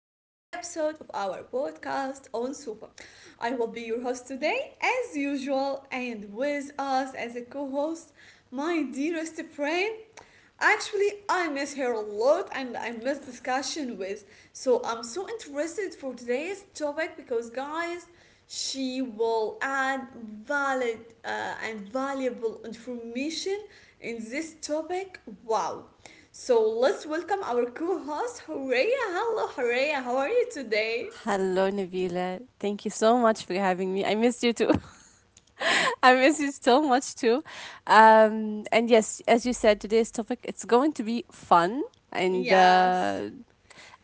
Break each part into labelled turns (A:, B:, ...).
A: of our podcast on Super. I will be your host today, as usual, and with us as a co host, my dearest friend. Actually, I miss her a lot and I miss discussion with. So, I'm so interested for today's topic because, guys, she will add valid and valuable information in this topic. Wow. So let's welcome our co-host Horea. Hello Horea, how are you today?
B: Hello, Nabila. Thank you so much for having me. I missed you too. I miss you so much too. And yes, as you said, today's topic it's going to be fun, and
A: Yes.
B: uh,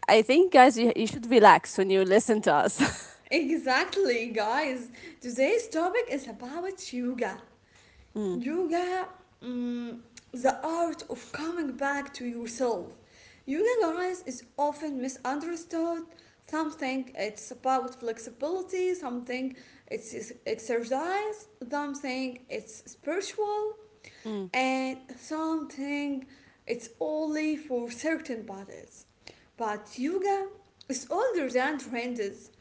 B: I think, guys, you should relax when you listen to us.
A: Exactly, guys. Today's topic is about yoga.
B: mm,
A: Yoga, mm, the art of coming back to yourself. Yoga, guys, is often misunderstood. Some think it's about flexibility, some think it's exercise, some think it's spiritual,
B: mm,
A: and some think it's only for certain bodies. But yoga is older than trends,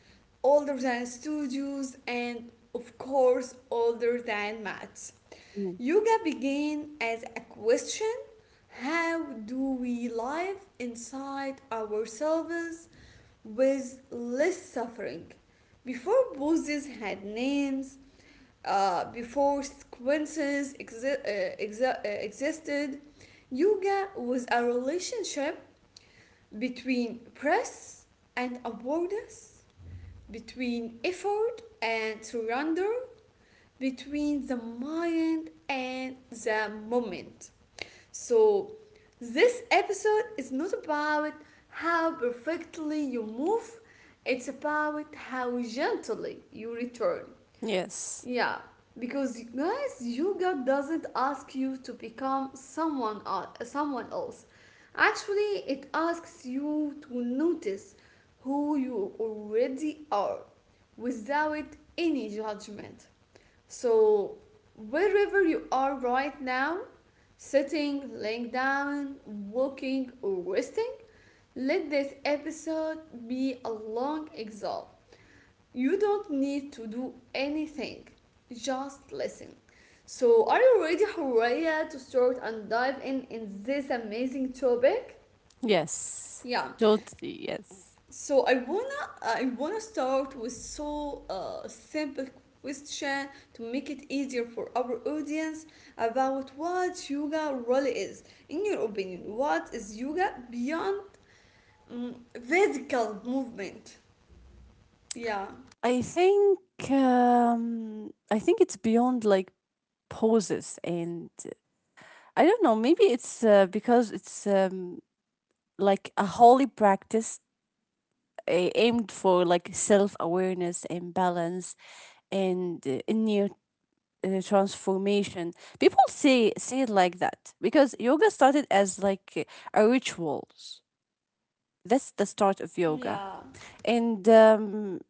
A: older than studios, and of course, older than mats.
B: mm.
A: Yoga began as a question, how do we live inside ourselves with less suffering? Before poses had names, before sequences existed, yoga was a relationship between press and awareness, between effort and surrender, between the mind and the moment. So, this episode is not about how perfectly you move, it's about how gently you return.
B: Yes,
A: Yeah, because guys, yoga doesn't ask you to become someone else. Actually, it asks you to notice who you already are without any judgment. So, wherever you are right now, sitting, laying down, walking, or resting, let this episode be a long exhale. You don't need to do anything, just listen. So, are you ready, Horea, to start and dive in this amazing topic?
B: yes,
A: Yeah,
B: totally yes.
A: so I wanna start with so simple question to make it easier for our audience about what yoga really is. In your opinion, what is yoga beyond mm, physical movement? Yeah,
B: I think I think it's beyond like poses, and I don't know. Maybe it's because it's like a holy practice aimed for like self-awareness and balance and inner transformation. People say it like that because yoga started as like a rituals. That's the start of yoga.
A: yeah,
B: And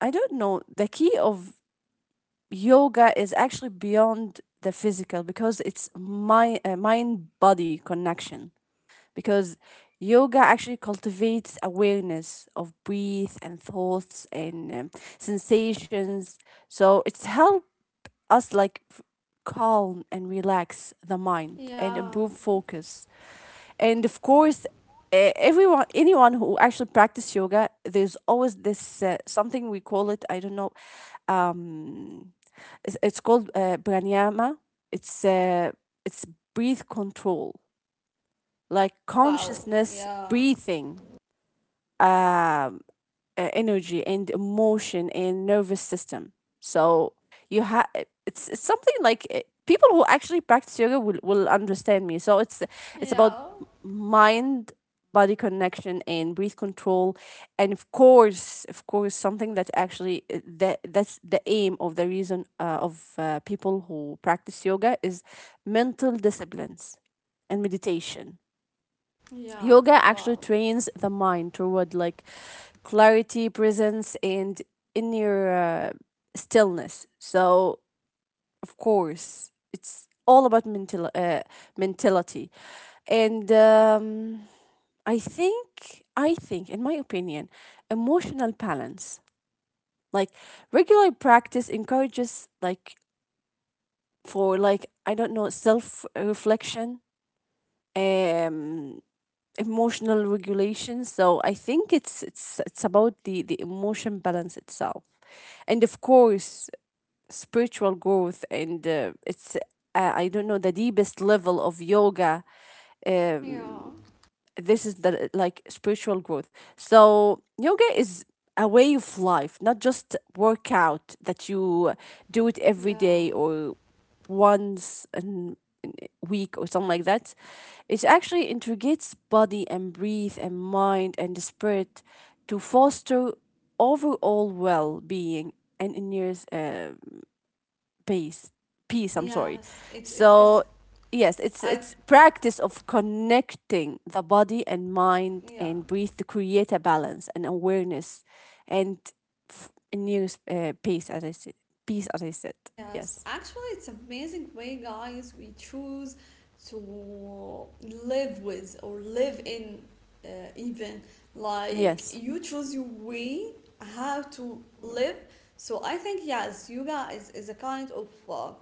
B: I don't know, the key of yoga is actually beyond the physical because it's my mind body connection, because yoga actually cultivates awareness of breath and thoughts and sensations, so it's help us calm and relax the mind and
A: yeah.
B: improve focus. And of course everyone, anyone who actually practice yoga, there's always this something we call it, I don't know, um it's called pranayama. It's uh, it's breath control, like
A: Wow.
B: consciousness
A: Yeah,
B: breathing, um, energy and emotion and nervous system. So you have it's something like people who actually practice yoga will understand me. So it's about
A: yeah,
B: mind body connection and breath control. And of course something that actually that's the aim of the reason of people who practice yoga is mental disciplines and meditation.
A: yeah.
B: Yoga
A: Wow.
B: actually trains the mind toward like clarity, presence and inner stillness, so of course it's all about mentality. And um, i think i think in my opinion, emotional balance, like regular practice encourages like, for like, I don't know, self reflection, um emotional regulation, so I think it's about the emotion balance itself. And of course spiritual growth, and it's, I don't know, the deepest level of yoga. um
A: Yeah,
B: this is the like spiritual growth. So yoga is a way of life, not just workout that you do it every day
A: yeah.
B: or once in week or something like that. It actually integrates body and breath and mind and the spirit to foster overall well being and inner peace. Peace, I'm sorry.
A: Yes, it's it's
B: So
A: it's.
B: yes, it's
A: I
B: practice of connecting the body and mind
A: Yeah.
B: and breathe to create a balance and awareness and inner peace, as I said. Peace, as I said.
A: Yes,
B: Yes.
A: actually, it's amazing way, guys, we choose to live with or live in, uh, even like
B: Yes.
A: you choose your way how to live. So I think yes, yoga is a kind of uh,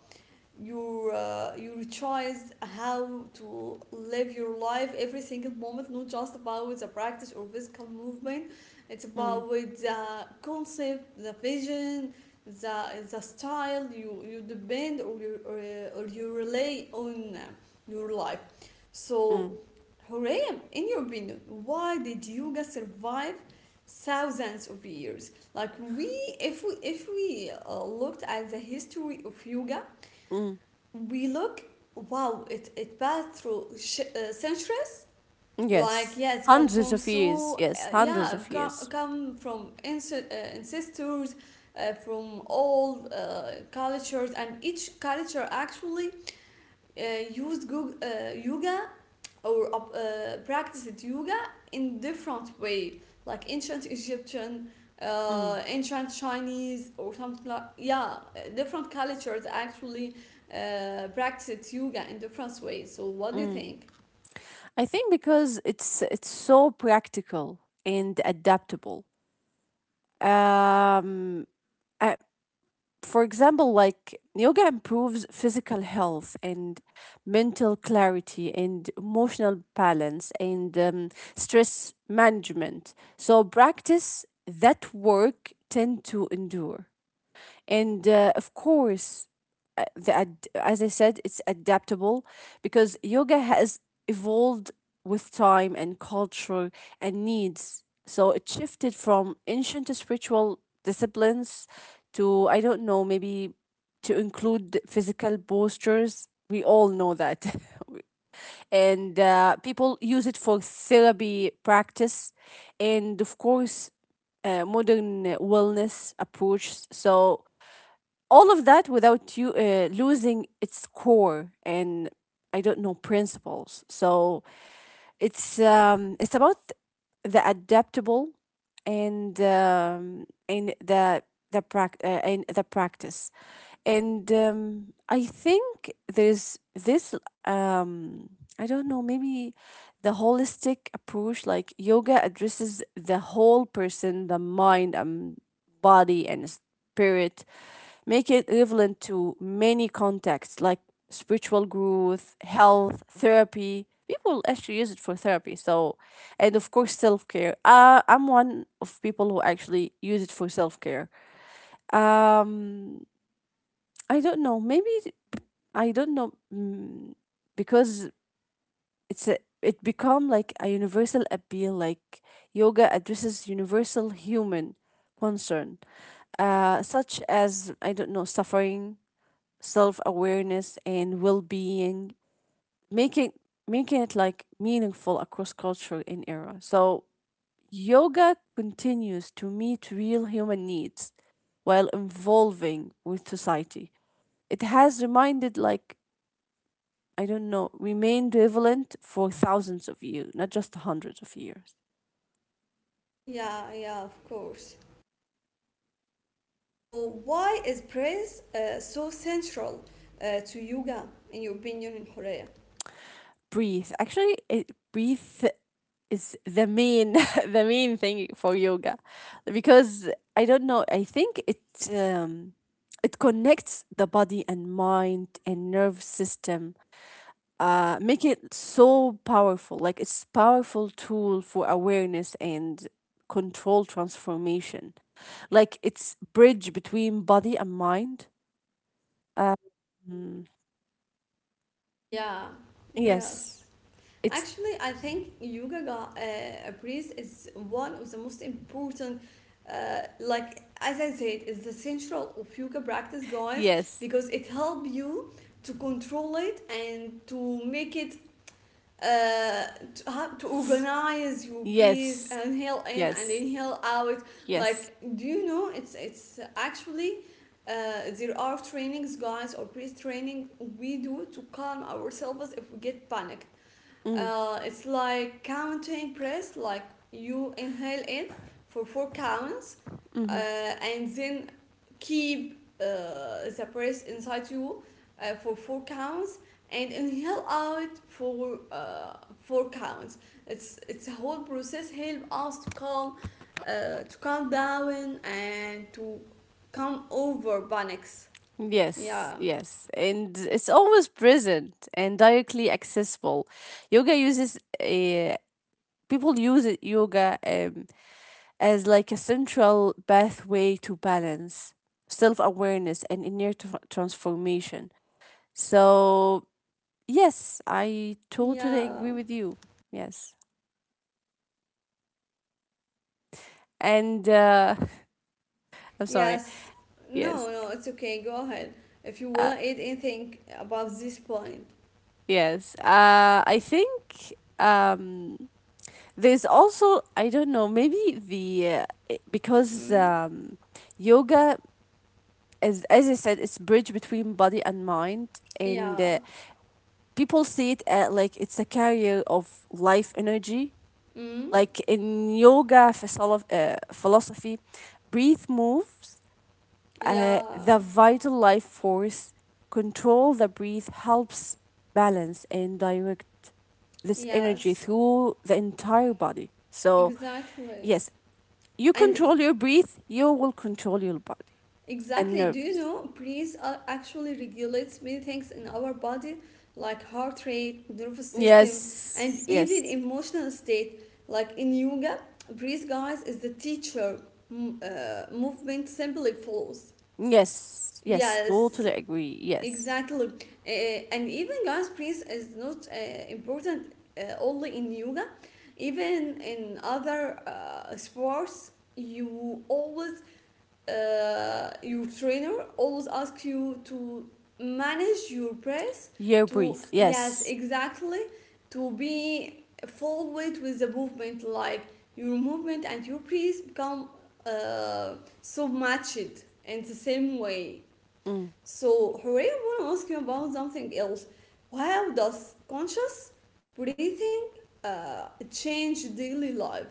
A: your uh, your choice how to live your life every single moment, not just about the practice or physical movement. It's
B: Mm,
A: about the concept, the vision, the the style you depend or or you rely on your life.
B: mm,
A: So Horeem, in your opinion, why did yoga survive thousands of years? Like, we if we if we looked at the history of yoga,
B: mm.
A: we look, wow, it passed through centuries. Like,
B: Yes,
A: yes, come
B: hundreds
A: from
B: of years.
A: so
B: Yes, hundreds
A: yeah,
B: of
A: come,
B: years.
A: come from ance- uh, ancestors, from all cultures, and each culture actually uh, used yoga, or practiced yoga in different way, like ancient Egyptian,
B: Mm,
A: ancient Chinese or something like, yeah, different cultures actually practiced yoga in different ways. So what do you
B: mm.
A: think?
B: I think because it's so practical and adaptable. Um, uh, for example, like yoga improves physical health and mental clarity and emotional balance and stress management. So practice that work tend to endure. And of course, as I said, it's adaptable because yoga has evolved with time and culture and needs. So it shifted from ancient spiritual disciplines to, I don't know, maybe to include physical postures. We all know that. And people use it for therapy practice and, of course, modern wellness approach. So all of that without you losing its core and I don't know principles. So it's about the adaptable and the prac- and the practice. And I think there's this I don't know, maybe the holistic approach, like yoga addresses the whole person, the mind and body and spirit, make it relevant to many contexts like spiritual growth, health, therapy. People actually use it for therapy. So, and of course, self care. I'm one of people who actually use it for self care. Um, I don't know. Maybe I don't know mm, Because it become like a universal appeal. Like yoga addresses universal human concern, such as I don't know suffering, self awareness and well being, making making it like meaningful across culture and era. So yoga continues to meet real human needs while evolving with society. It has remained like I don't know, remained relevant for thousands of years, not just hundreds of years.
A: Yeah, yeah, of course. So why is praise so central to yoga in your opinion, in Korea?
B: Breathe. Actually, it breathe is the main the main thing for yoga because I don't know I think um, it connects the body and mind and nerve system, make it so powerful, like it's powerful tool for awareness and control transformation, like it's bridge between body and mind. um, mm,
A: Yeah,
B: yes,
A: yes.
B: it's.
A: Actually, I think breath is one of the most important, like as I said, is the central of yoga practice, guys,
B: Yes.
A: because it help you to control it and to make it uh to organize your breath,
B: yes
A: inhale in and
B: yes
A: inhale out.
B: yes
A: Like, do you know, it's actually there are trainings, guys, or breath training we do to calm ourselves if we get panicked.
B: Mm,
A: It's like counting press. Like, you inhale in for four counts,
B: mm-hmm.
A: and then keep the breath inside you for four counts, and inhale out for four counts. It's a whole process, help us to calm, to calm down and to come over panics.
B: Yes,
A: Yeah,
B: yes. And it's always present and directly accessible. Yoga uses people use it- yoga as like a central pathway to balance, self-awareness and inner transformation. So, yes, I totally
A: yeah.
B: agree with you. Yes. And I'm sorry.
A: Yes.
B: Yes.
A: No, no, it's okay. Go ahead. If you
B: Uh,
A: wanna add anything about this point.
B: yes. I think there's also, I don't know, maybe because
A: Mm,
B: yoga, as I said, it's bridge between body and mind, and
A: yeah.
B: people see it like it's a carrier of life energy.
A: Mm,
B: Like in philosophy, breathe moves
A: yeah.
B: the vital life force. Control the breath helps balance and direct this energy
A: Yes.
B: through the entire body. So
A: Exactly.
B: yes, you
A: And
B: control your breath, you will control your body and
A: exactly. Do you
B: nerves.
A: know, breeze actually regulates many things in our body, like heart rate, nervous system, and
B: Yes,
A: even
B: yes,
A: emotional state. Like in yoga, breeze, guys, is the teacher. Movement simply flows.
B: yes, yes.
A: Yes,
B: Totally agree. Yes,
A: exactly. And even God's praise is not important only in yoga, even in other sports. Your trainer always asks you to manage your press.
B: your breath.
A: Yes,
B: Yes.
A: exactly, to be forward with the movement, like your movement and your press become uh, so matched in the same way.
B: Mm,
A: So, Hooray, I want to ask you about something else. How does conscious breathing change daily life?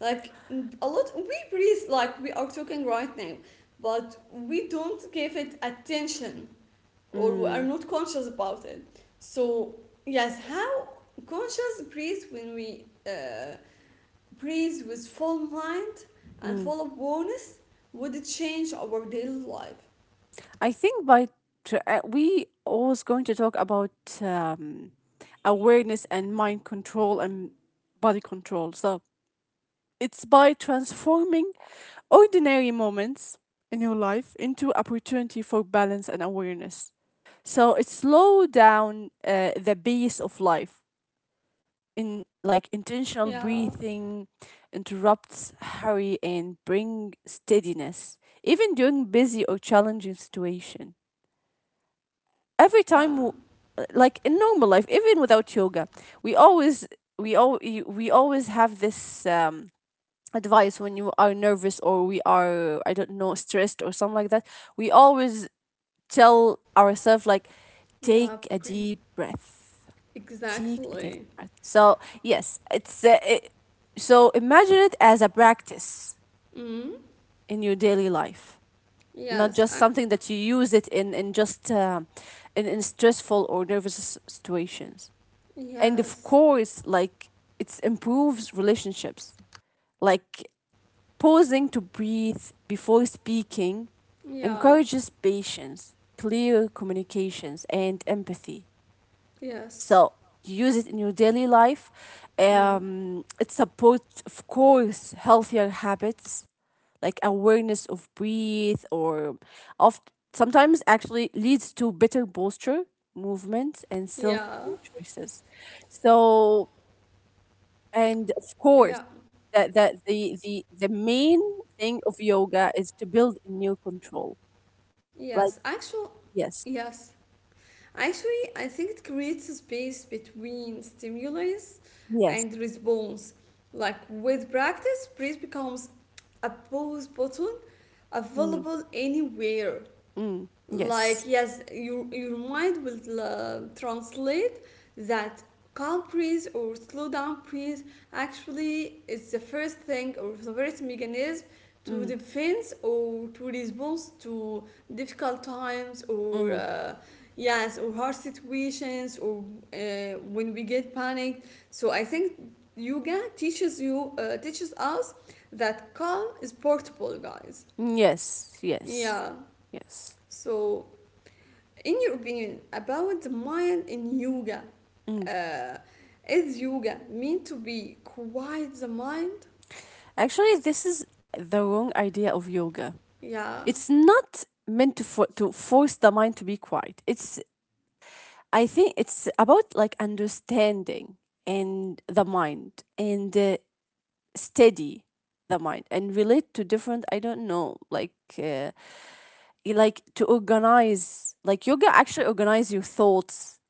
A: Like, a lot, we breathe like we are talking right now, but we don't give it attention or we are
B: mm,
A: not conscious about it. So, yes, how conscious breathe when we breathe with full mind and
B: mm.
A: full awareness would it change our daily life?
B: I think by we always going to talk about um, awareness and mind control and body control. So it's by transforming ordinary moments in your life into opportunity for balance and awareness. So it slow down the pace of life in like intentional
A: Yeah,
B: breathing interrupts hurry and bring steadiness even during busy or challenging situation. Every time
A: yeah.
B: w- like in normal life, even without yoga, we always we all we always have this advice when you are nervous or we are I don't know stressed or something like that, we always tell ourselves like take
A: Yeah,
B: a deep breath, take a deep
A: exactly.
B: breath. So yes, so imagine it as a practice
A: Mm?
B: in your daily life, not
A: Yes,
B: just something that you use it in in stressful or situations. And of
A: yes,
B: course, like it improves relationships, like pausing to breathe before speaking
A: yeah,
B: encourages patience, clear communications, and empathy.
A: yes,
B: So you use it in your daily life.
A: mm,
B: It supports, of course, healthier habits, like awareness of breathe or of sometimes actually leads to better posture, movement, and self
A: yeah,
B: choices. So and of course
A: yeah,
B: the main thing of yoga is to build a new control,
A: yes.
B: like
A: Actually,
B: yes.
A: yes. Actually, I think it creates a space between stimulus
B: yes
A: and response. Like, with practice, praise becomes a pause button
B: mm,
A: available anywhere.
B: mm,
A: Like,
B: yes
A: yes, your mind will translate that calm breeze or slow down breeze actually is the first thing, or the first mechanism, to
B: mm,
A: defense or to response to difficult times, or
B: mm,
A: yes, or hard situations, or uh, when we get panicked. So I think yoga teaches us that calm is portable, guys.
B: yes yes
A: Yeah.
B: yes
A: So, in your opinion, about the mind in yoga,
B: mm.
A: uh, is yoga meant to be quiet the mind?
B: Actually this is the wrong idea of yoga.
A: Yeah,
B: It's not meant to for, to force the mind to be quiet. It's, I think it's about like understanding and the mind, and steady the mind and relate to different, I don't know, like to organize, like yoga actually organize your thoughts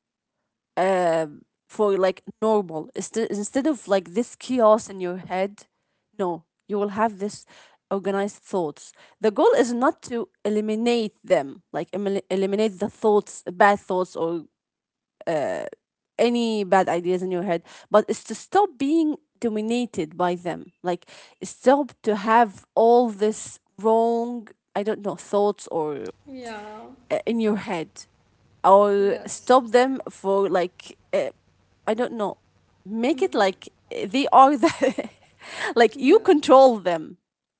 B: uh, for like normal, instead of like this chaos in your head. No, you will have this organized thoughts. The goal is not to eliminate them, like eliminate the thoughts, bad thoughts or any bad ideas in your head, but it's to stop being dominated by them. Like stop to have all this wrong, I don't know, thoughts or
A: yeah,
B: uh, in your head, or
A: yes,
B: stop them for like I don't know, make it
A: mhm,
B: like they are the like you
A: yeah,
B: control them.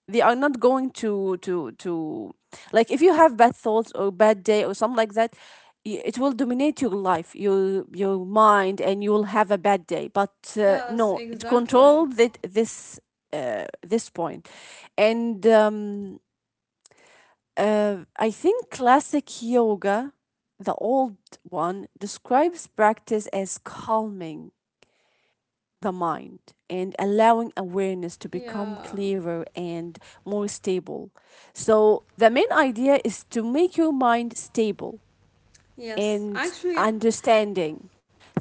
B: They are not going to like, if you have bad thoughts or bad day or something like that, it will dominate your life, your mind, and you will have a bad day. But
A: yes,
B: no, it
A: exactly.
B: controlled it, this this point, and. I think classic yoga, the old one, describes practice as calming the mind and allowing awareness to become
A: Yeah,
B: clearer and more stable. So, the main idea is to make your mind stable
A: yes,
B: and
A: actually,
B: understanding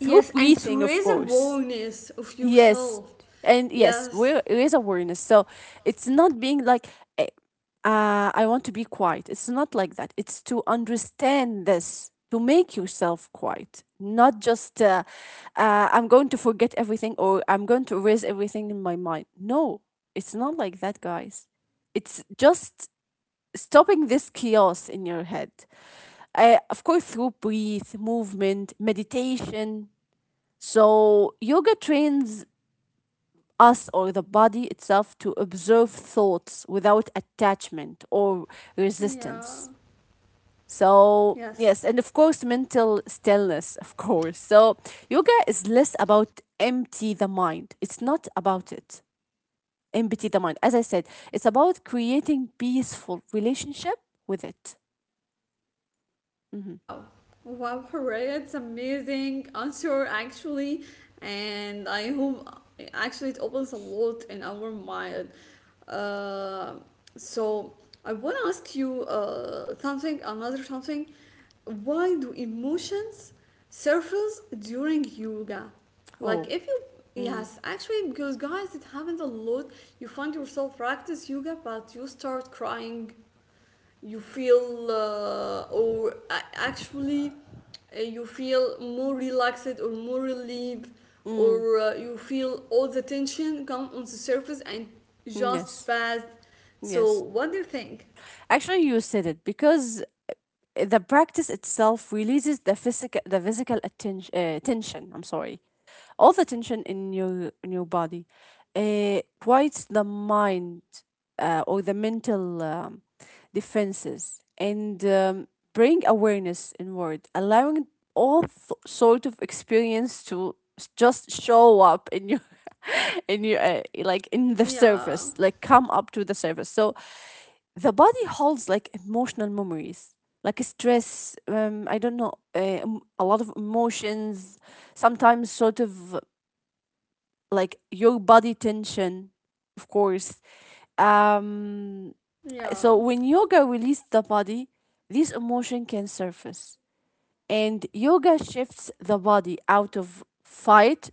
B: through
A: and to
B: breathing, of
A: raise
B: course.
A: awareness of
B: Yes.
A: yourself.
B: And yes,
A: Yes,
B: where there is awareness. So it's not being like, eh, I want to be quiet. It's not like that. It's to understand this, to make yourself quiet, not just, I'm going to forget everything or I'm going to erase everything in my mind. No, it's not like that, guys. It's just stopping this chaos in your head. Of course, through breathe, movement, meditation. So yoga trains us or the body itself to observe thoughts without attachment or
A: yeah,
B: resistance. So,
A: yes.
B: yes, and of course, mental stillness, of course. So, yoga is less about empty the mind, it's not about it. Empty the mind. As I said, it's about creating peaceful relationship with it. hmm
A: Wow. Wow, Hooray, it's amazing answer actually. And I hope actually it opens a lot in our mind. Uh, so I want to ask you something, another something. Why do emotions surface during yoga?
B: Oh,
A: Like if you.
B: mm,
A: Yes, actually, because guys, it happens a lot. You find yourself practice yoga, but you start crying, you feel, or actually you feel more relaxed or more relieved,
B: mm,
A: or you feel all the tension come on the surface and just
B: yes,
A: pass. So
B: yes.
A: what do you think?
B: Actually, you said it because the practice itself releases tension. I'm sorry, all the tension in your body quiets the mind, or the mental defenses, and bring awareness inward, allowing sort of experience to just show up in your in your like in the
A: Yeah,
B: surface, like come up to the surface. So the body holds like emotional memories, like stress, I don't know, a lot of emotions, sometimes sort of like your body tension, of course. um
A: yeah,
B: so when yoga releases the body, this emotion can surface, and yoga shifts the body out of fight,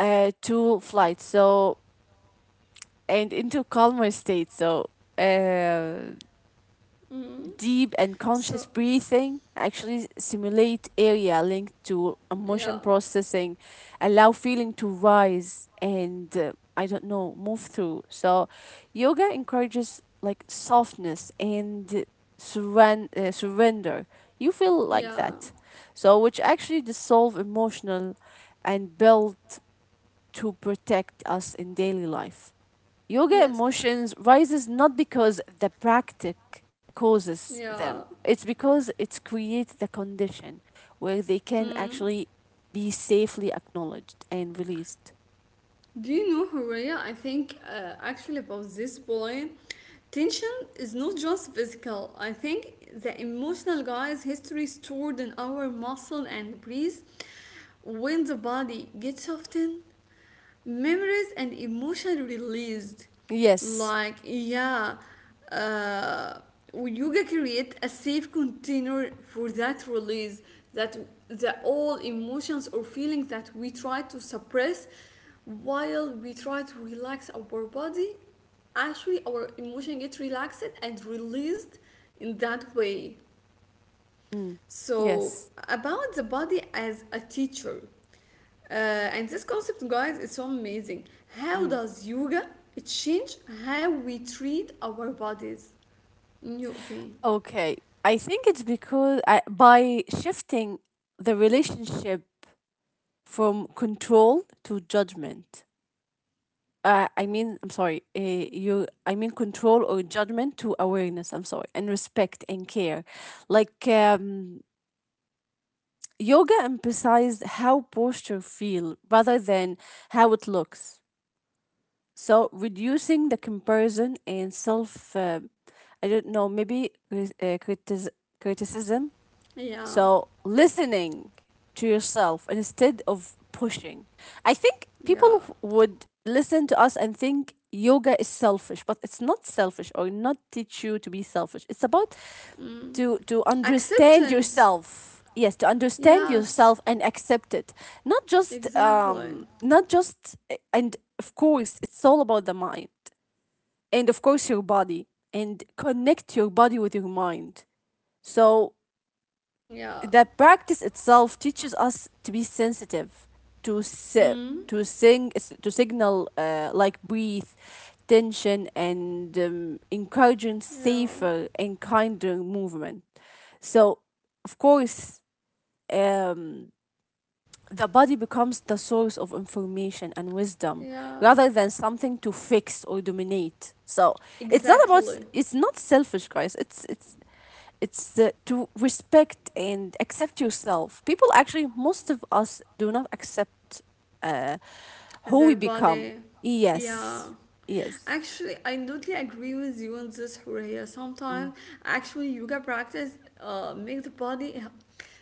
B: to
A: yeah.
B: flight, so, and into calmer state. So uh
A: Mm.
B: deep and
A: So,
B: conscious breathing actually simulate area linked to
A: yeah,
B: emotion processing, allow feeling to rise and I don't know, move through. So, yoga encourages like softness and surrender. You feel like
A: yeah,
B: that. So, which actually dissolve emotional and build to protect us in daily life. Yoga
A: yes,
B: emotions rises not because the practice causes
A: yeah,
B: them. It's because it creates the condition where they can
A: mm.
B: actually be safely acknowledged and released.
A: Do you know, Horea, I think, actually, about this point, tension is not just physical. I think the emotional, guys, history stored in our muscle and breeze. When the body gets softened, memories and emotion released.
B: Yes.
A: Like, yeah, uh, yoga create a safe container for that release, that the all emotions or feelings that we try to suppress, while we try to relax our body, actually our emotion get relaxed and released in that way.
B: Mm.
A: So,
B: Yes.
A: about the body as a teacher. Uh, and this concept, guys, is so amazing. How
B: Mm.
A: does yoga change how we treat our bodies? In your opinion?
B: Okay. I think it's because by shifting the relationship from control to judgment, I'm sorry, control or judgment to awareness, I'm sorry, and respect and care. Like, yoga emphasized how posture feel rather than how it looks. So, reducing the comparison and self, I don't know, maybe criticism. Criticism,
A: Yeah,
B: so listening to yourself instead of pushing. I think
A: yeah.
B: people would listen to us and think yoga is selfish, but it's not selfish or not teach you to be selfish. It's about
A: Mm.
B: to understand
A: Acceptance.
B: yourself. Yes, to understand
A: Yes,
B: yourself and accept it. Not just
A: exactly.
B: not just, and of course it's all about the mind, and of course your body, and connect your body with your mind. So
A: Yeah.
B: the practice itself teaches us to be sensitive, to si-
A: Mm.
B: to sing, to signal, like breathe, tension, and encouraging
A: Yeah,
B: safer and kinder movement. So, of course, um, the body becomes the source of information and wisdom
A: yeah.
B: rather than something to fix or dominate. So it's not about s-
A: Exactly.
B: it's not selfish, guys. It's to respect and accept yourself. People actually most of us do not accept uh, who we
A: Their
B: become.
A: body. Yeah.
B: Yes. Yes.
A: Actually, I totally agree with you on this, Horea.
B: Mm.
A: Sometimes, actually, yoga practice make the body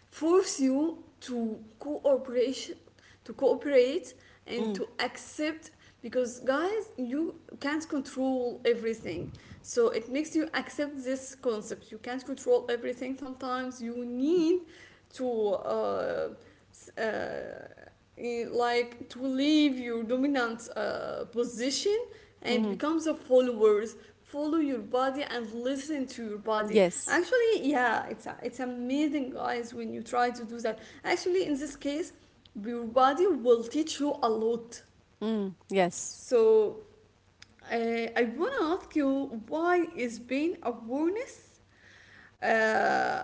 A: force you to cooperate and
B: Mm.
A: to accept, because guys you can't control everything. So it makes you accept this concept, you can't control everything. Sometimes you need to uh, uh, like to leave your dominant position and
B: Mhm.
A: become the followers, follow your body and listen to your body.
B: Yes.
A: Actually, yeah, it's amazing, guys, when you try to do that. Actually, in this case, your body will teach you a lot.
B: Mm. Yes.
A: So I wanna ask you, why is pain awareness uh,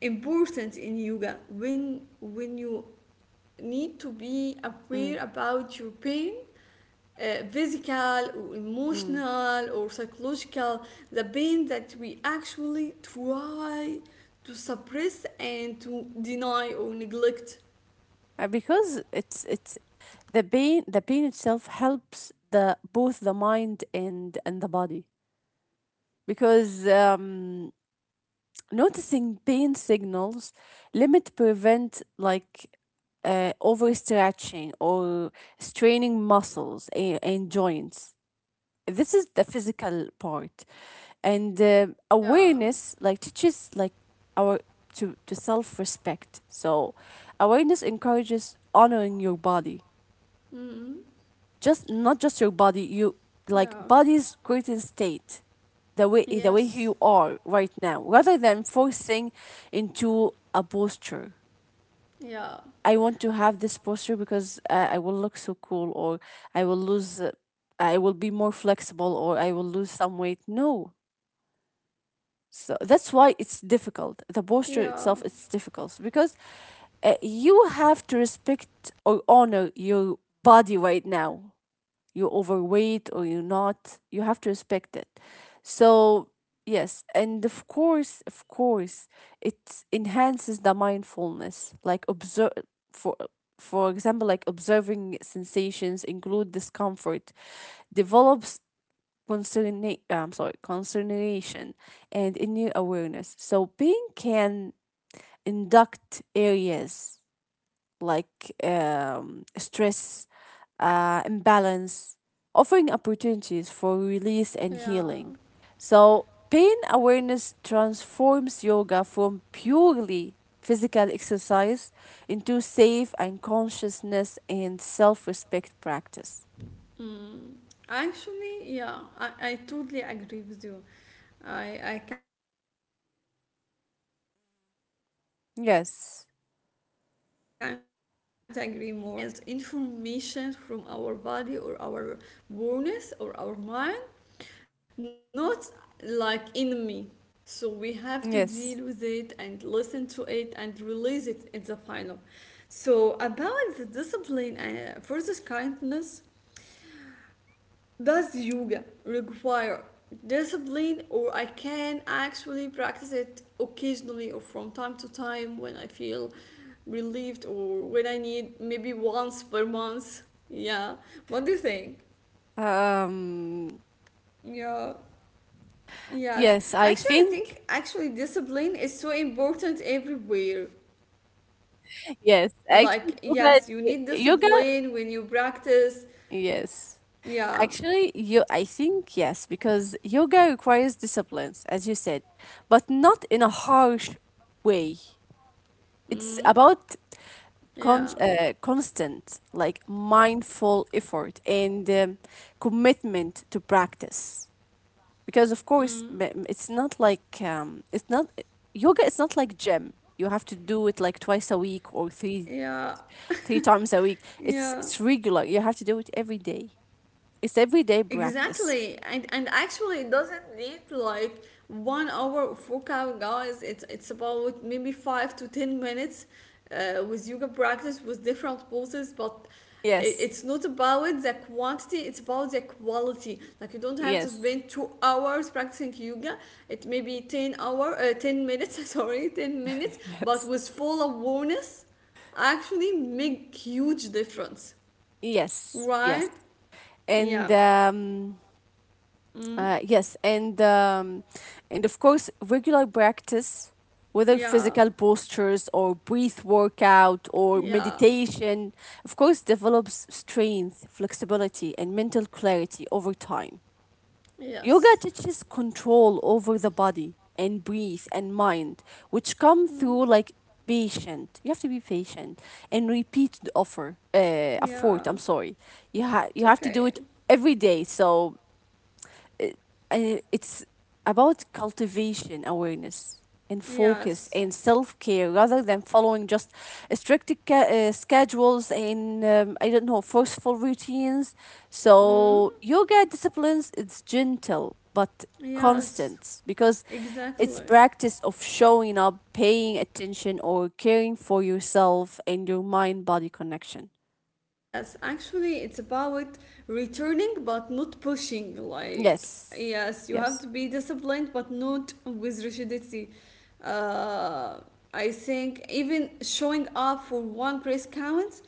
A: important in yoga? When you need to be aware
B: Mm.
A: about your pain, physical or
B: Mm.
A: emotional or psychological, the pain that we actually try to suppress and to deny or neglect.
B: Because it's the pain itself helps the both the mind and the body because noticing pain signals limit prevent like overstretching or straining muscles and, joints. This is the physical part, and
A: Yeah,
B: awareness like teaches like our to self respect. So awareness encourages honoring your body,
A: mm,
B: just not just your body, you like
A: yeah,
B: body's current state, the way you
A: yes,
B: are right now, rather than forcing into a posture.
A: yeah,
B: I want to have this posture because I will look so cool, or I will lose I will be more flexible, or I will lose some weight. No, so that's why it's difficult, the posture
A: yeah,
B: itself it's difficult because you have to respect or honor your body right now. You're overweight or you're not. You have to respect it. So, yes, and of course, it enhances the mindfulness. Like observe for for example, like observing sensations, include discomfort, develops concern, I'm sorry, concernation and a new awareness. So being can induct areas like stress, imbalance, offering opportunities for release and
A: yeah,
B: healing. So, pain awareness transforms yoga from purely physical exercise into safe and consciousness and self respect practice.
A: mm. Actually, yeah, I totally agree with you. I can't agree more in this point. We
B: Yes,
A: have to deal with pain as information from our body, or our awareness, or our mind, not like enemy. So we have to
B: yes.
A: deal with it and listen to it and release it in the final. So about the discipline and versus kindness, does yoga require discipline, or I can actually practice it occasionally or from time to time when I feel relieved or when I need maybe once per month? Yeah, what do you think?
B: Um,
A: Yeah, yes.
B: yes, I
A: Actually, I
B: think.
A: think actually discipline is so important everywhere.
B: Yes, actually,
A: Like, yes, you need
B: yoga,
A: discipline when you practice.
B: yes.
A: Yeah,
B: Actually, I think yes, because yoga requires disciplines, as you said, but not in a harsh way. It's
A: mm,
B: about
A: yeah,
B: constant, like mindful effort and commitment to practice. Because of course,
A: mm,
B: it's not like it's not yoga. It's not like gym. You have to do it like twice a week or three
A: yeah,
B: three times a week. It's
A: yeah.
B: it's regular. You have to do it every day. It's everyday practice.
A: Exactly, and actually, it doesn't need like 1 hour of workout, guys. It's about maybe 5 to 10 minutes with yoga practice with different poses, but
B: Yes.
A: it's not about the quantity; it's about the quality. Like you don't have to
B: Yes,
A: spend 2 hours practicing yoga. It may be 10 minutes. Sorry, 10 minutes, but
B: yes,
A: with full awareness, actually make huge difference,
B: yes, yes,
A: right?
B: and
A: Yeah.
B: um,
A: Mm.
B: yes, and and of course, regular practice, whether
A: Yeah,
B: physical postures or breath workout or
A: yeah,
B: meditation, of course, develops strength, flexibility, and mental clarity over time. Yoga
A: yes.
B: teaches control over the body and breath and mind, which come through
A: Mm,
B: like patient. You have to be patient and repeat the effort. I'm
A: yeah,
B: sorry. You
A: it's
B: have to do it
A: okay.
B: every day. So it, it's about cultivation awareness and focus
A: Yes.
B: and self-care rather than following just strict schedules and I don't know, forceful routines.
A: Mm,
B: So yoga disciplines, it's gentle but
A: yes,
B: constant because it's
A: exactly.
B: practice of showing up, paying attention, or caring for yourself and your mind body connection.
A: Yes, actually, it's about returning but not pushing. Like,
B: Yes.
A: yes, you have
B: Yes.
A: to be disciplined but not with rigidity. Uh, I think even showing up for one press counts,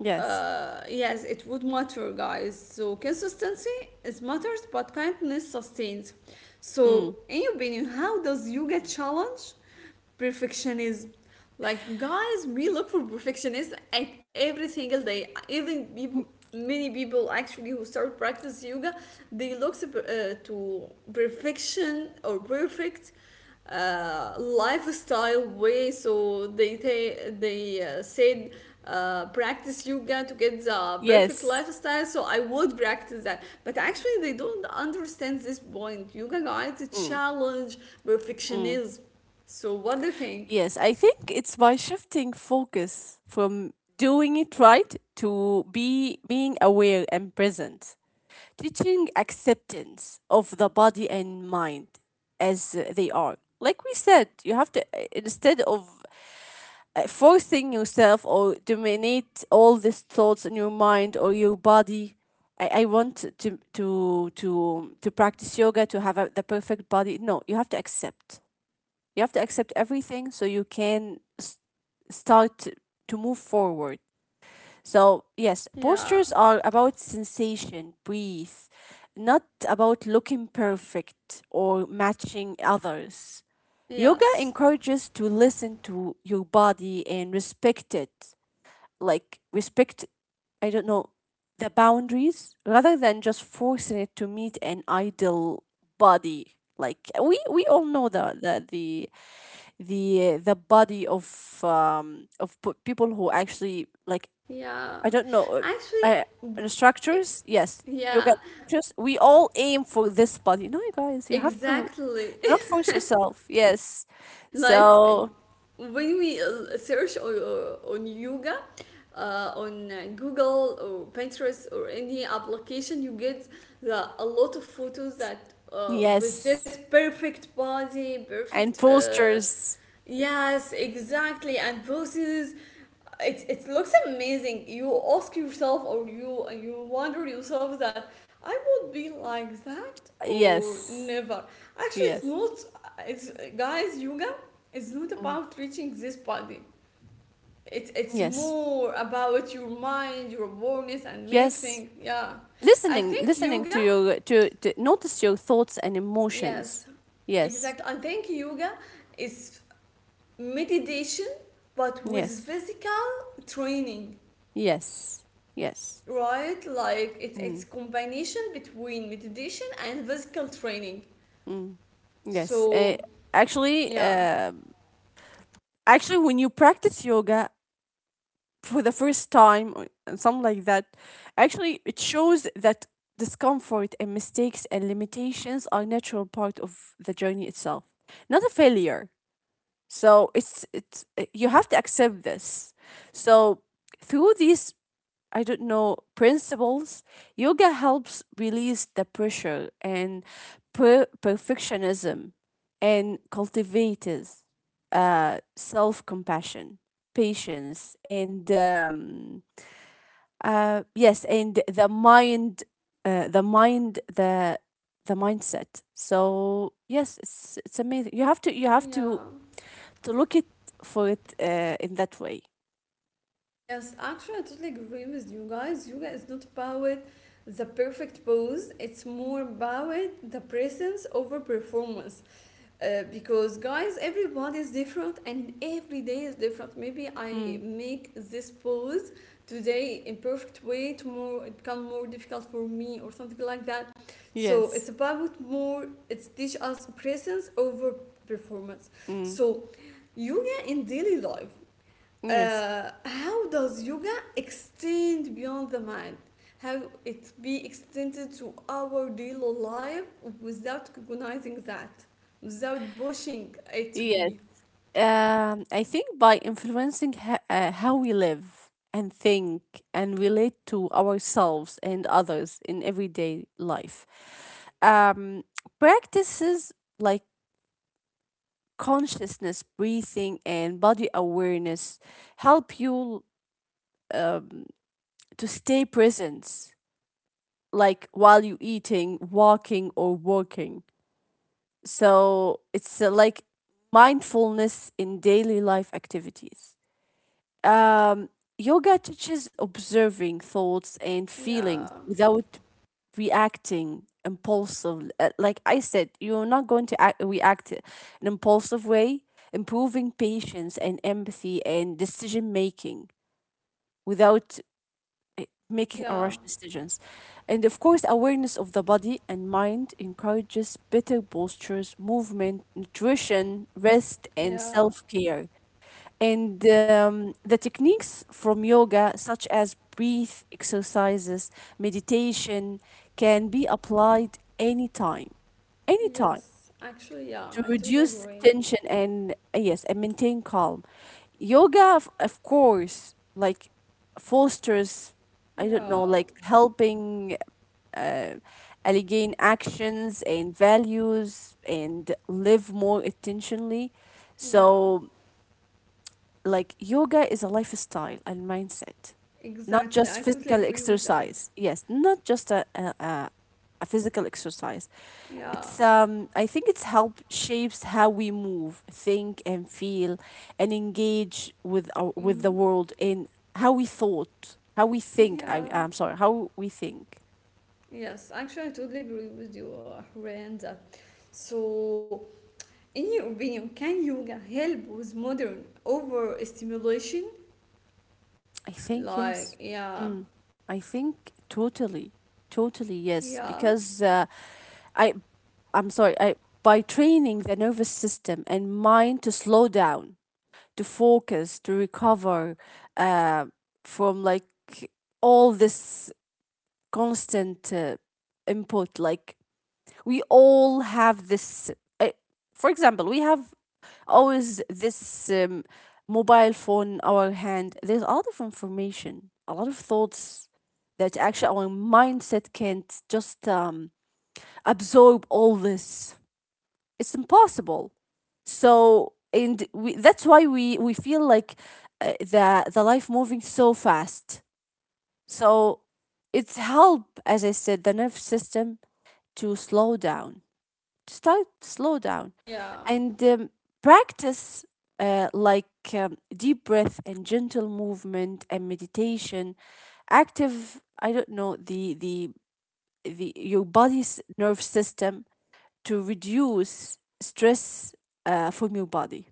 B: Yes.
A: yes, it would matter, guys. So, consistency is matters, but kindness sustains. So,
B: Mm.
A: in your opinion, how does you get challenged? Perfectionism. Like guys, we look for perfectionists at every single day. Even people,
B: Mm.
A: many people actually who start practice yoga, they look to perfection or perfect lifestyle way. So they said practice yoga to get the perfect
B: Yes.
A: lifestyle. So I would practice that, but actually they don't understand this point. Yoga guys it's a
B: Mm.
A: challenge
B: Mm.
A: perfectionism. So what do you think?
B: Yes, I think it's by shifting focus from doing it right to be being aware and present. Teaching acceptance of the body and mind as they are. Like we said, you have to instead of forcing yourself or dominate all these thoughts in your mind or your body. I want to practice yoga to have the perfect body. No, you have to accept, you have to accept everything so you can start to move forward. So, yes,
A: Yeah.
B: postures are about sensation, breathe, not about looking perfect or matching others. Yoga
A: Yes.
B: encourages to listen to your body and respect it. Like respect, I don't know, the boundaries rather than just forcing it to meet an ideal body. Like we all know the body of people who actually like
A: Yeah.
B: I don't know
A: Actually,
B: I, instructors. Yes, yoga
A: yeah,
B: instructors, we all aim for this body. No, you guys you have to
A: exactly.
B: not force yourself. Yes,
A: Like
B: so.
A: when we search on yoga on google or pinterest or any application you get the, a lot of photos that with this
B: Yes.
A: perfect body
B: And
A: perfect
B: postures.
A: yes exactly and poses it looks amazing you ask yourself or you wonder yourself that I would be like that or
B: Yes.
A: never actually it's
B: Yes.
A: not it's guys yoga it's not
B: Mm.
A: about reaching this body. It's
B: Yes.
A: more about your mind, your awareness, and many of
B: Yes.
A: things. Yeah, I
B: Listening,
A: think
B: listening
A: yoga.
B: to your to notice your thoughts and
A: Yes,
B: emotions. Yes.
A: exactly. I think yoga is meditation, but with
B: Yes.
A: physical training,
B: Yes. Yes.
A: right? Like it's
B: Mm,
A: it's combination between meditation and physical training.
B: mm. Yes.
A: So
B: Actually,
A: yeah,
B: actually, when you practice yoga for the first time or and something like that, actually, it shows that discomfort and mistakes and limitations are natural part of the journey itself, not a failure. So it's you have to accept this. So through these, I don't know, principles, yoga helps release the pressure and perfectionism and cultivates self compassion, patience, and yes, and the mind, uh, the mind, the the mindset. So yes, it's amazing. You have to, you have
A: yeah.
B: to look it for it in that way.
A: Yes, actually, I totally agree with you guys. Yoga is not about the perfect pose, it's more about the presence over performance. Because, guys, everybody is different and every day is different. Maybe
B: Mm,
A: I make this pose today in perfect way, tomorrow it become more difficult for me or something like that. So,
B: yes.
A: it's about more, it's teach us presence over performance.
B: Mm,
A: So, yoga in daily life
B: yes.
A: how does yoga extend beyond the mind how it be extended to our daily life without recognizing that without pushing it to
B: Yes.
A: be
B: I think by influencing how we live and think and relate to ourselves and others in everyday life. Um, Practices like consciousness, breathing, and body awareness help you uh, to stay present, like while you eating, walking, or working. So it's like mindfulness in daily life activities. Um, Yoga teaches observing thoughts and feelings
A: yeah
B: without reacting impulsively. Like I said, you're not going to act, react in an impulsive way, improving patience and empathy and decision making without uh, making a rush
A: yeah
B: decisions. And of course, awareness of the body and mind encourages better postures, movement, nutrition, rest, and
A: yeah
B: self care. And the techniques from yoga, such as breath exercises, meditation, can be applied anytime, anytime
A: yes actually yeah
B: to
A: I totally
B: reduce
A: agree
B: tension and, yes, and maintain calm. Yoga, of course, like fosters, I don't know,
A: yeah
B: like helping uh, allegain actions and values and live more intentionally.
A: yeah
B: So, like yoga is a lifestyle and mindset, not
A: exactly
B: just
A: I totally
B: physical
A: agree with that
B: exercise. Yes, not just a physical exercise.
A: yeah
B: It's I think it's help shapes how we move, think and feel and engage with with the
A: mm,
B: world in how we thought, how we think. I
A: yeah
B: I'm sorry, how we think.
A: yes actually I totally agree with you Rand. So in your opinion, can yoga help with modern overstimulation?
B: I think
A: Like,
B: yes.
A: yeah,
B: Mm. I think totally, totally yes.
A: yeah,
B: Because I I'm sorry, I, by training the nervous system and mind to slow down, to focus, to recover uh, from like all this constant input. Like we all have this. Uh, for example, we have always this mobile phone in our hand. There's a lot of information, a lot of thoughts that actually our mindset can't just absorb all this, it's impossible. So and we, that's why we feel like the life moving so fast. So it's help as I said the nerve system to slow down, to start slow down,
A: yeah,
B: and practice like deep breath and gentle movement and meditation active, I don't know, the the your body's nerve system to reduce stress from your body.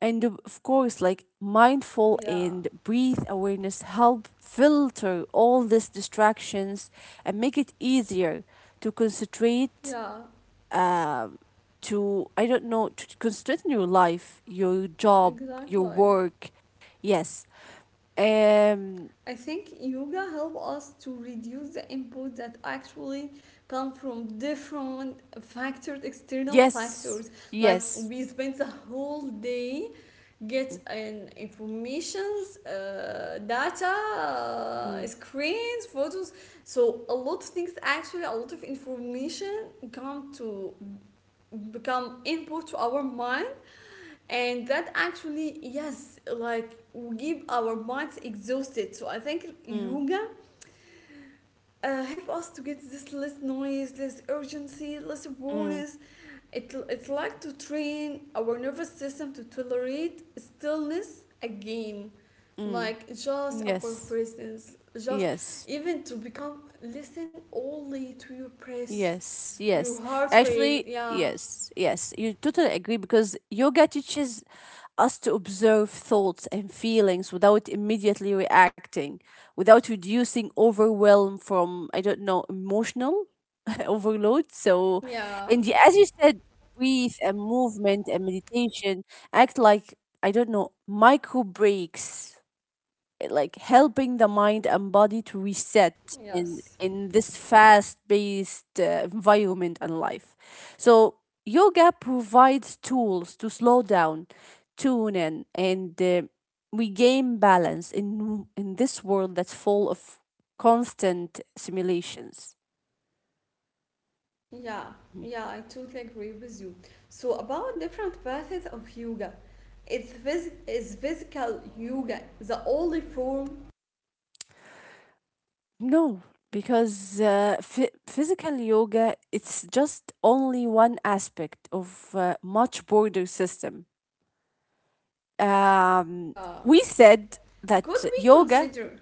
B: And of course, like mindful
A: yeah,
B: and breathe awareness help filter all these distractions and make it easier to concentrate,
A: yeah,
B: um, to, I don't know, to concentrate on your life, your job, your
A: exactly.
B: work. Yes. Um,
A: I think yoga help us to reduce the input that actually come from different factors, external
B: yes.
A: factors. Like
B: Yes.
A: we spend the whole day get an informations data
B: Mm,
A: screens photos so a lot of things actually a lot of information come to become input to our mind and that actually yes like give our minds exhausted so I think
B: mm,
A: yoga help us to get this less noise less urgency less
B: mm,
A: rawness. It's like to train our nervous system to tolerate stillness again.
B: mm.
A: Like just our
B: Yes.
A: presence, just
B: Yes.
A: even to become listen only to your breath,
B: Yes,
A: your
B: yes.
A: heart rate.
B: Actually,
A: Yeah,
B: yes, yes. You totally agree because yoga teaches us to observe thoughts and feelings without immediately reacting, without reducing overwhelm from, I don't know, emotional overload. So,
A: yeah,
B: and the, as you said, breathe and movement and meditation act like, I don't know, micro breaks like helping the mind and body to reset in
A: yes,
B: in this fast-paced environment and life. So yoga provides tools to slow down, tune in, and regain balance in this world that's full of constant simulations.
A: yeah, yeah. I totally agree with you. So about different methods of yoga, it's is physical yoga the only form.
B: No, because physical yoga it's just only one aspect of much broader system um,
A: Yeah.
B: we said
A: Could
B: that
A: we
B: yoga,
A: consider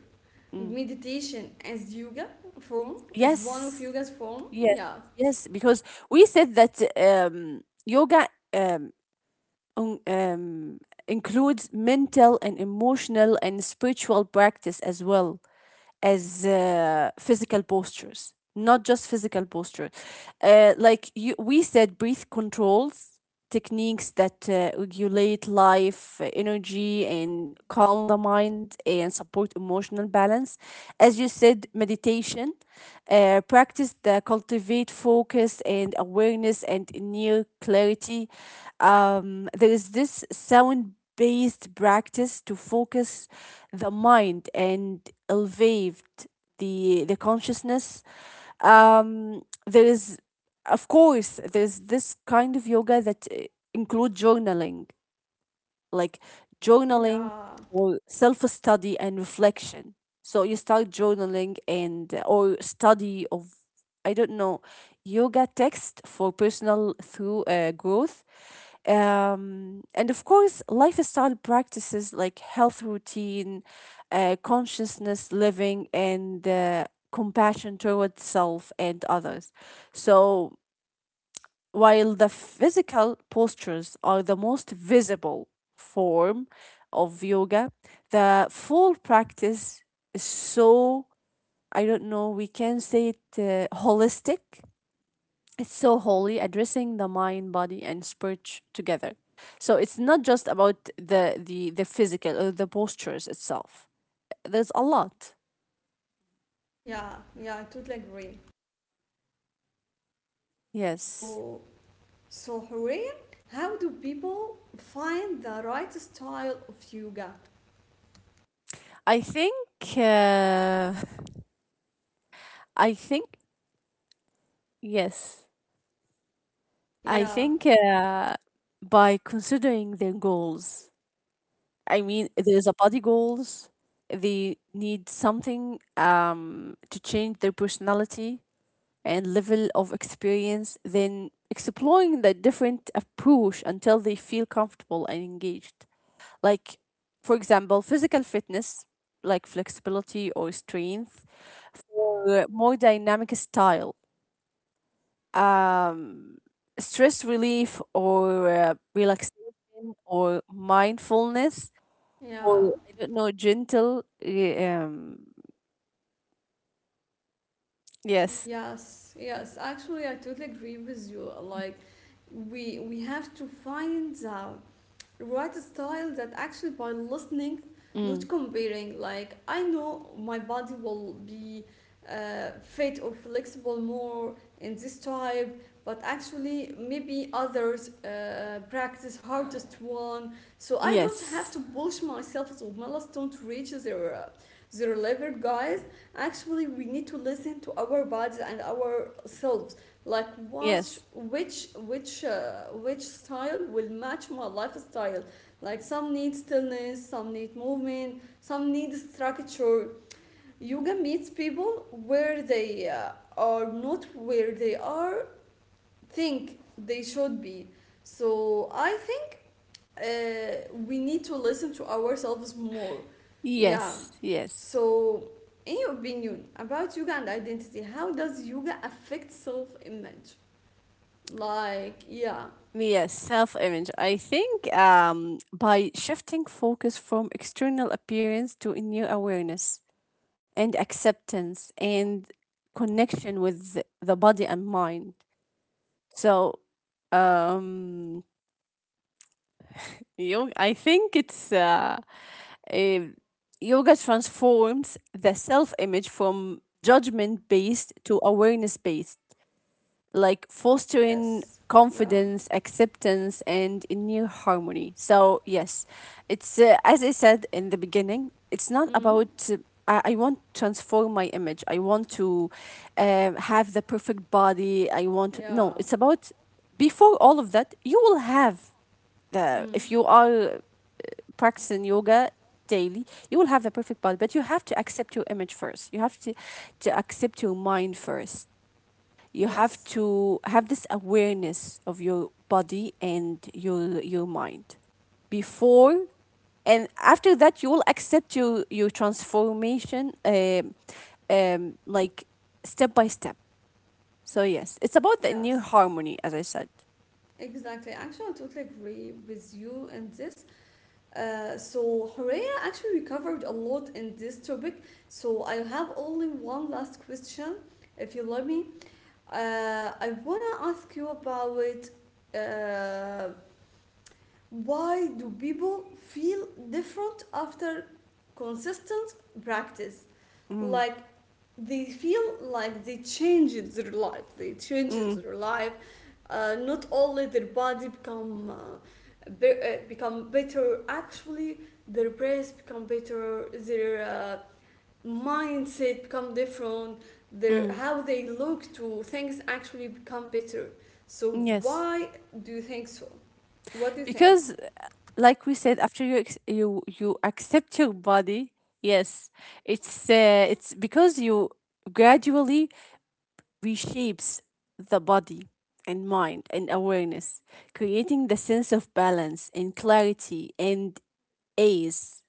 B: mm,
A: meditation as yoga form is one of
B: yes,
A: yoga's form
B: yes,
A: yeah
B: yes, because we said that yoga um, un- um, includes mental and emotional and spiritual practice as well. As physical postures, not just physical posture, like you, we said breath controls techniques that regulate life energy and calm the mind and support emotional balance. As you said, meditation, practice that cultivate focus and awareness and inner clarity. Um, there is this sound based practice to focus the mind and elevate the consciousness. Um, there is, of course, there's this kind of yoga that include journaling, like journaling
A: yeah
B: or self study and reflection. So you start journaling and or study of, I don't know, yoga text for personal through growth. Um, and of course, lifestyle practices like health routine, consciousness living, and compassion towards self and others. So, while the physical postures are the most visible form of yoga, the full practice is so, I don't know, we can say it holistic. It's so holy, addressing the mind, body, and spirit together. So it's not just about the physical or the postures itself. There's a lot.
A: yeah yeah I totally agree
B: Yes,
A: so so Hurriya, how do people find the right style of yoga
B: I think. Uh, I think, yes. I
A: yeah
B: think by considering their goals. I mean, there's a body goals. They need something to change their personality and level of experience, then exploring the different approach until they feel comfortable and engaged. Like, for example, physical fitness, like flexibility or strength, for more dynamic style, um, stress relief or relaxation or mindfulness or
A: yeah
B: I don't know, gentle. Yes.
A: yes yes actually I totally agree with you like we have to find the write a style that actually by listening not
B: Mm.
A: comparing like I know my body will be fit or flexible more in this type but actually maybe others practice hardest one so I don't have to
B: Yes.
A: push myself to milestone to reach their level guys actually we need to listen to our bodies and ourselves like watch
B: Yes.
A: which which style will match my lifestyle like some need stillness some need movement some need structure yoga meets people where they are not where they are think they should be so I think we need to listen to ourselves more yeah
B: Yes. Yes.
A: so in your opinion about yoga and identity how does yoga affect self-image like, yeah,
B: Yes, self image. I think by shifting focus from external appearance to a new awareness and acceptance and connection with the body and mind. So, um, yoga, I think it's a, yoga transforms the self image from judgment based to awareness based, like fostering
A: yes, yeah,
B: confidence, acceptance, and inner harmony. So, yes, it's as I said in the beginning, it's not
A: mm,
B: about. I want to transform my image. I want to have the perfect body. I want,
A: yeah,
B: no. It's about, before all of that, you will have the,
A: mm,
B: if you are practicing yoga daily, you will have the perfect body. But you have to accept your image first. You have to accept your mind first. You have
A: yes,
B: to have this awareness of your body and your mind before, and after that you will accept your transformation. Um, like step by step. So yes, it's about the new
A: yes,
B: harmony, as I said.
A: exactly. Actually, I totally agree with you in this. So, Horea, actually, we covered a lot in this topic. So, I have only one last question, if you let me. I wanna ask you about uh, why do people feel different after consistent practice?
B: Mm,
A: Like they feel like they changed their life they changed
B: mm,
A: their life not only their body become become better actually their brains become better their mindset become different their
B: mm,
A: how they look to things actually become better so
B: yes,
A: why do you think so what do you think
B: because like we said, after you you accept your body, yes, it's because you gradually reshapes the body and mind and awareness, creating the sense of balance and clarity and ease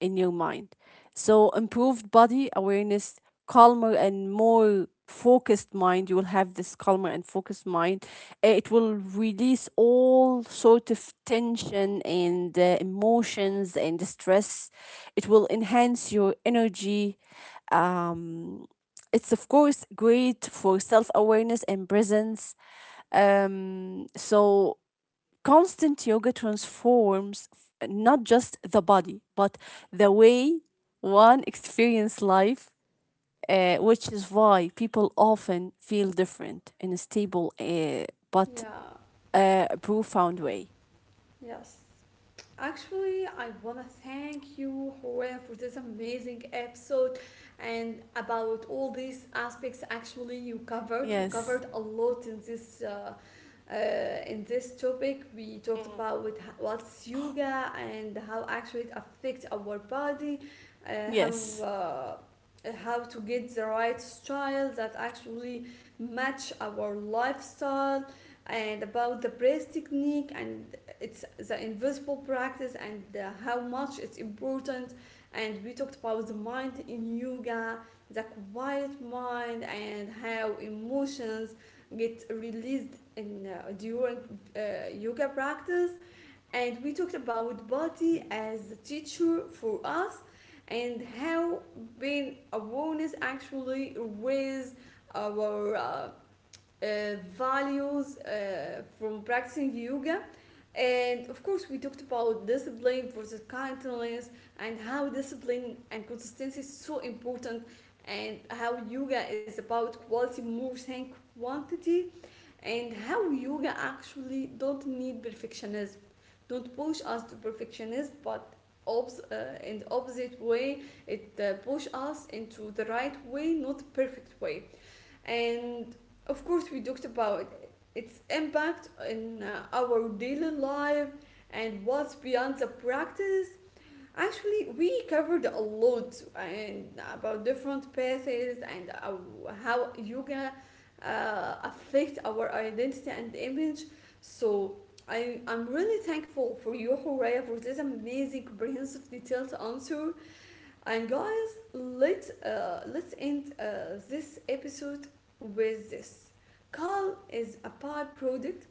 B: in your mind. So, improved body awareness, calmer and more focused mind, you will have this calmer and focused mind. Eh, it will release all sort of tension and emotions and stress. It will enhance your energy. Um, it's of course great for self-awareness and presence. Um, so constant yoga transforms not just the body but the way one experience life, which is why people often feel different in a stable uh, but
A: yeah
B: uh, profound way.
A: yes Actually, I want to thank you, Horea, for this amazing episode and about all these aspects. Actually, you covered you
B: Yes,
A: covered a lot in this. Uh, in this topic, we talked about with what's yoga and how actually it affects our body, uh, how
B: yes,
A: uh, how to get the right style that actually match our lifestyle and about the breath technique and it's the invisible practice and how much it's important and we talked about the mind in yoga the quiet mind and how emotions get released in during yoga practice and we talked about body as a teacher for us and how being awareness actually raises our uh, values from practicing yoga. And of course, we talked about discipline versus kindness and how discipline and consistency is so important, and how yoga is about quality more than quantity, and how yoga actually don't need perfectionism, don't push us to perfectionism, but in the opposite way, it push us into the right way, not the perfect way and of course we talked about its impact in our daily life and what's beyond the practice actually we covered a lot and about different paths and how yoga affect our identity and image so I'm really thankful for you, Horea, for this amazing, comprehensive, detailed answer. And guys, let's end this episode with this. Calm is a byproduct.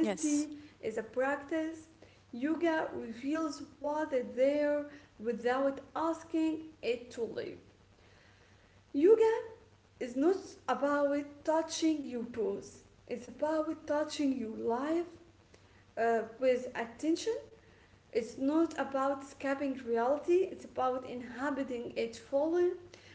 B: yes,
A: is a practice. Yoga reveals what is there without asking it to leave. Yoga is not about touching your toes. It's about touching your life with attention it's not about escaping reality, it's about inhabiting it fully.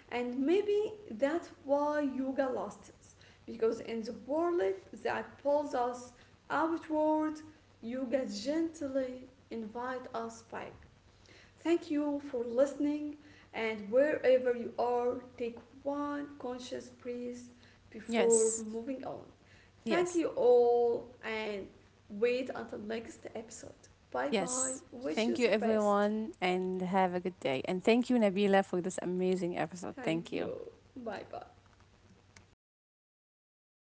A: And maybe that's why yoga lasts. Because in the world that pulls us outward, yoga gently invites us back. Thank you for listening, and wherever you are, take one conscious breath before
B: yes,
A: moving on. Thank
B: yes.
A: you all, and wait until next episode. Bye bye.
B: Yes.
A: Wish you
B: Thank
A: the
B: you,
A: best.
B: everyone, and have a good day. And thank you, Nabila, for this amazing episode.
A: Thank
B: Thank you.
A: you. Bye bye. من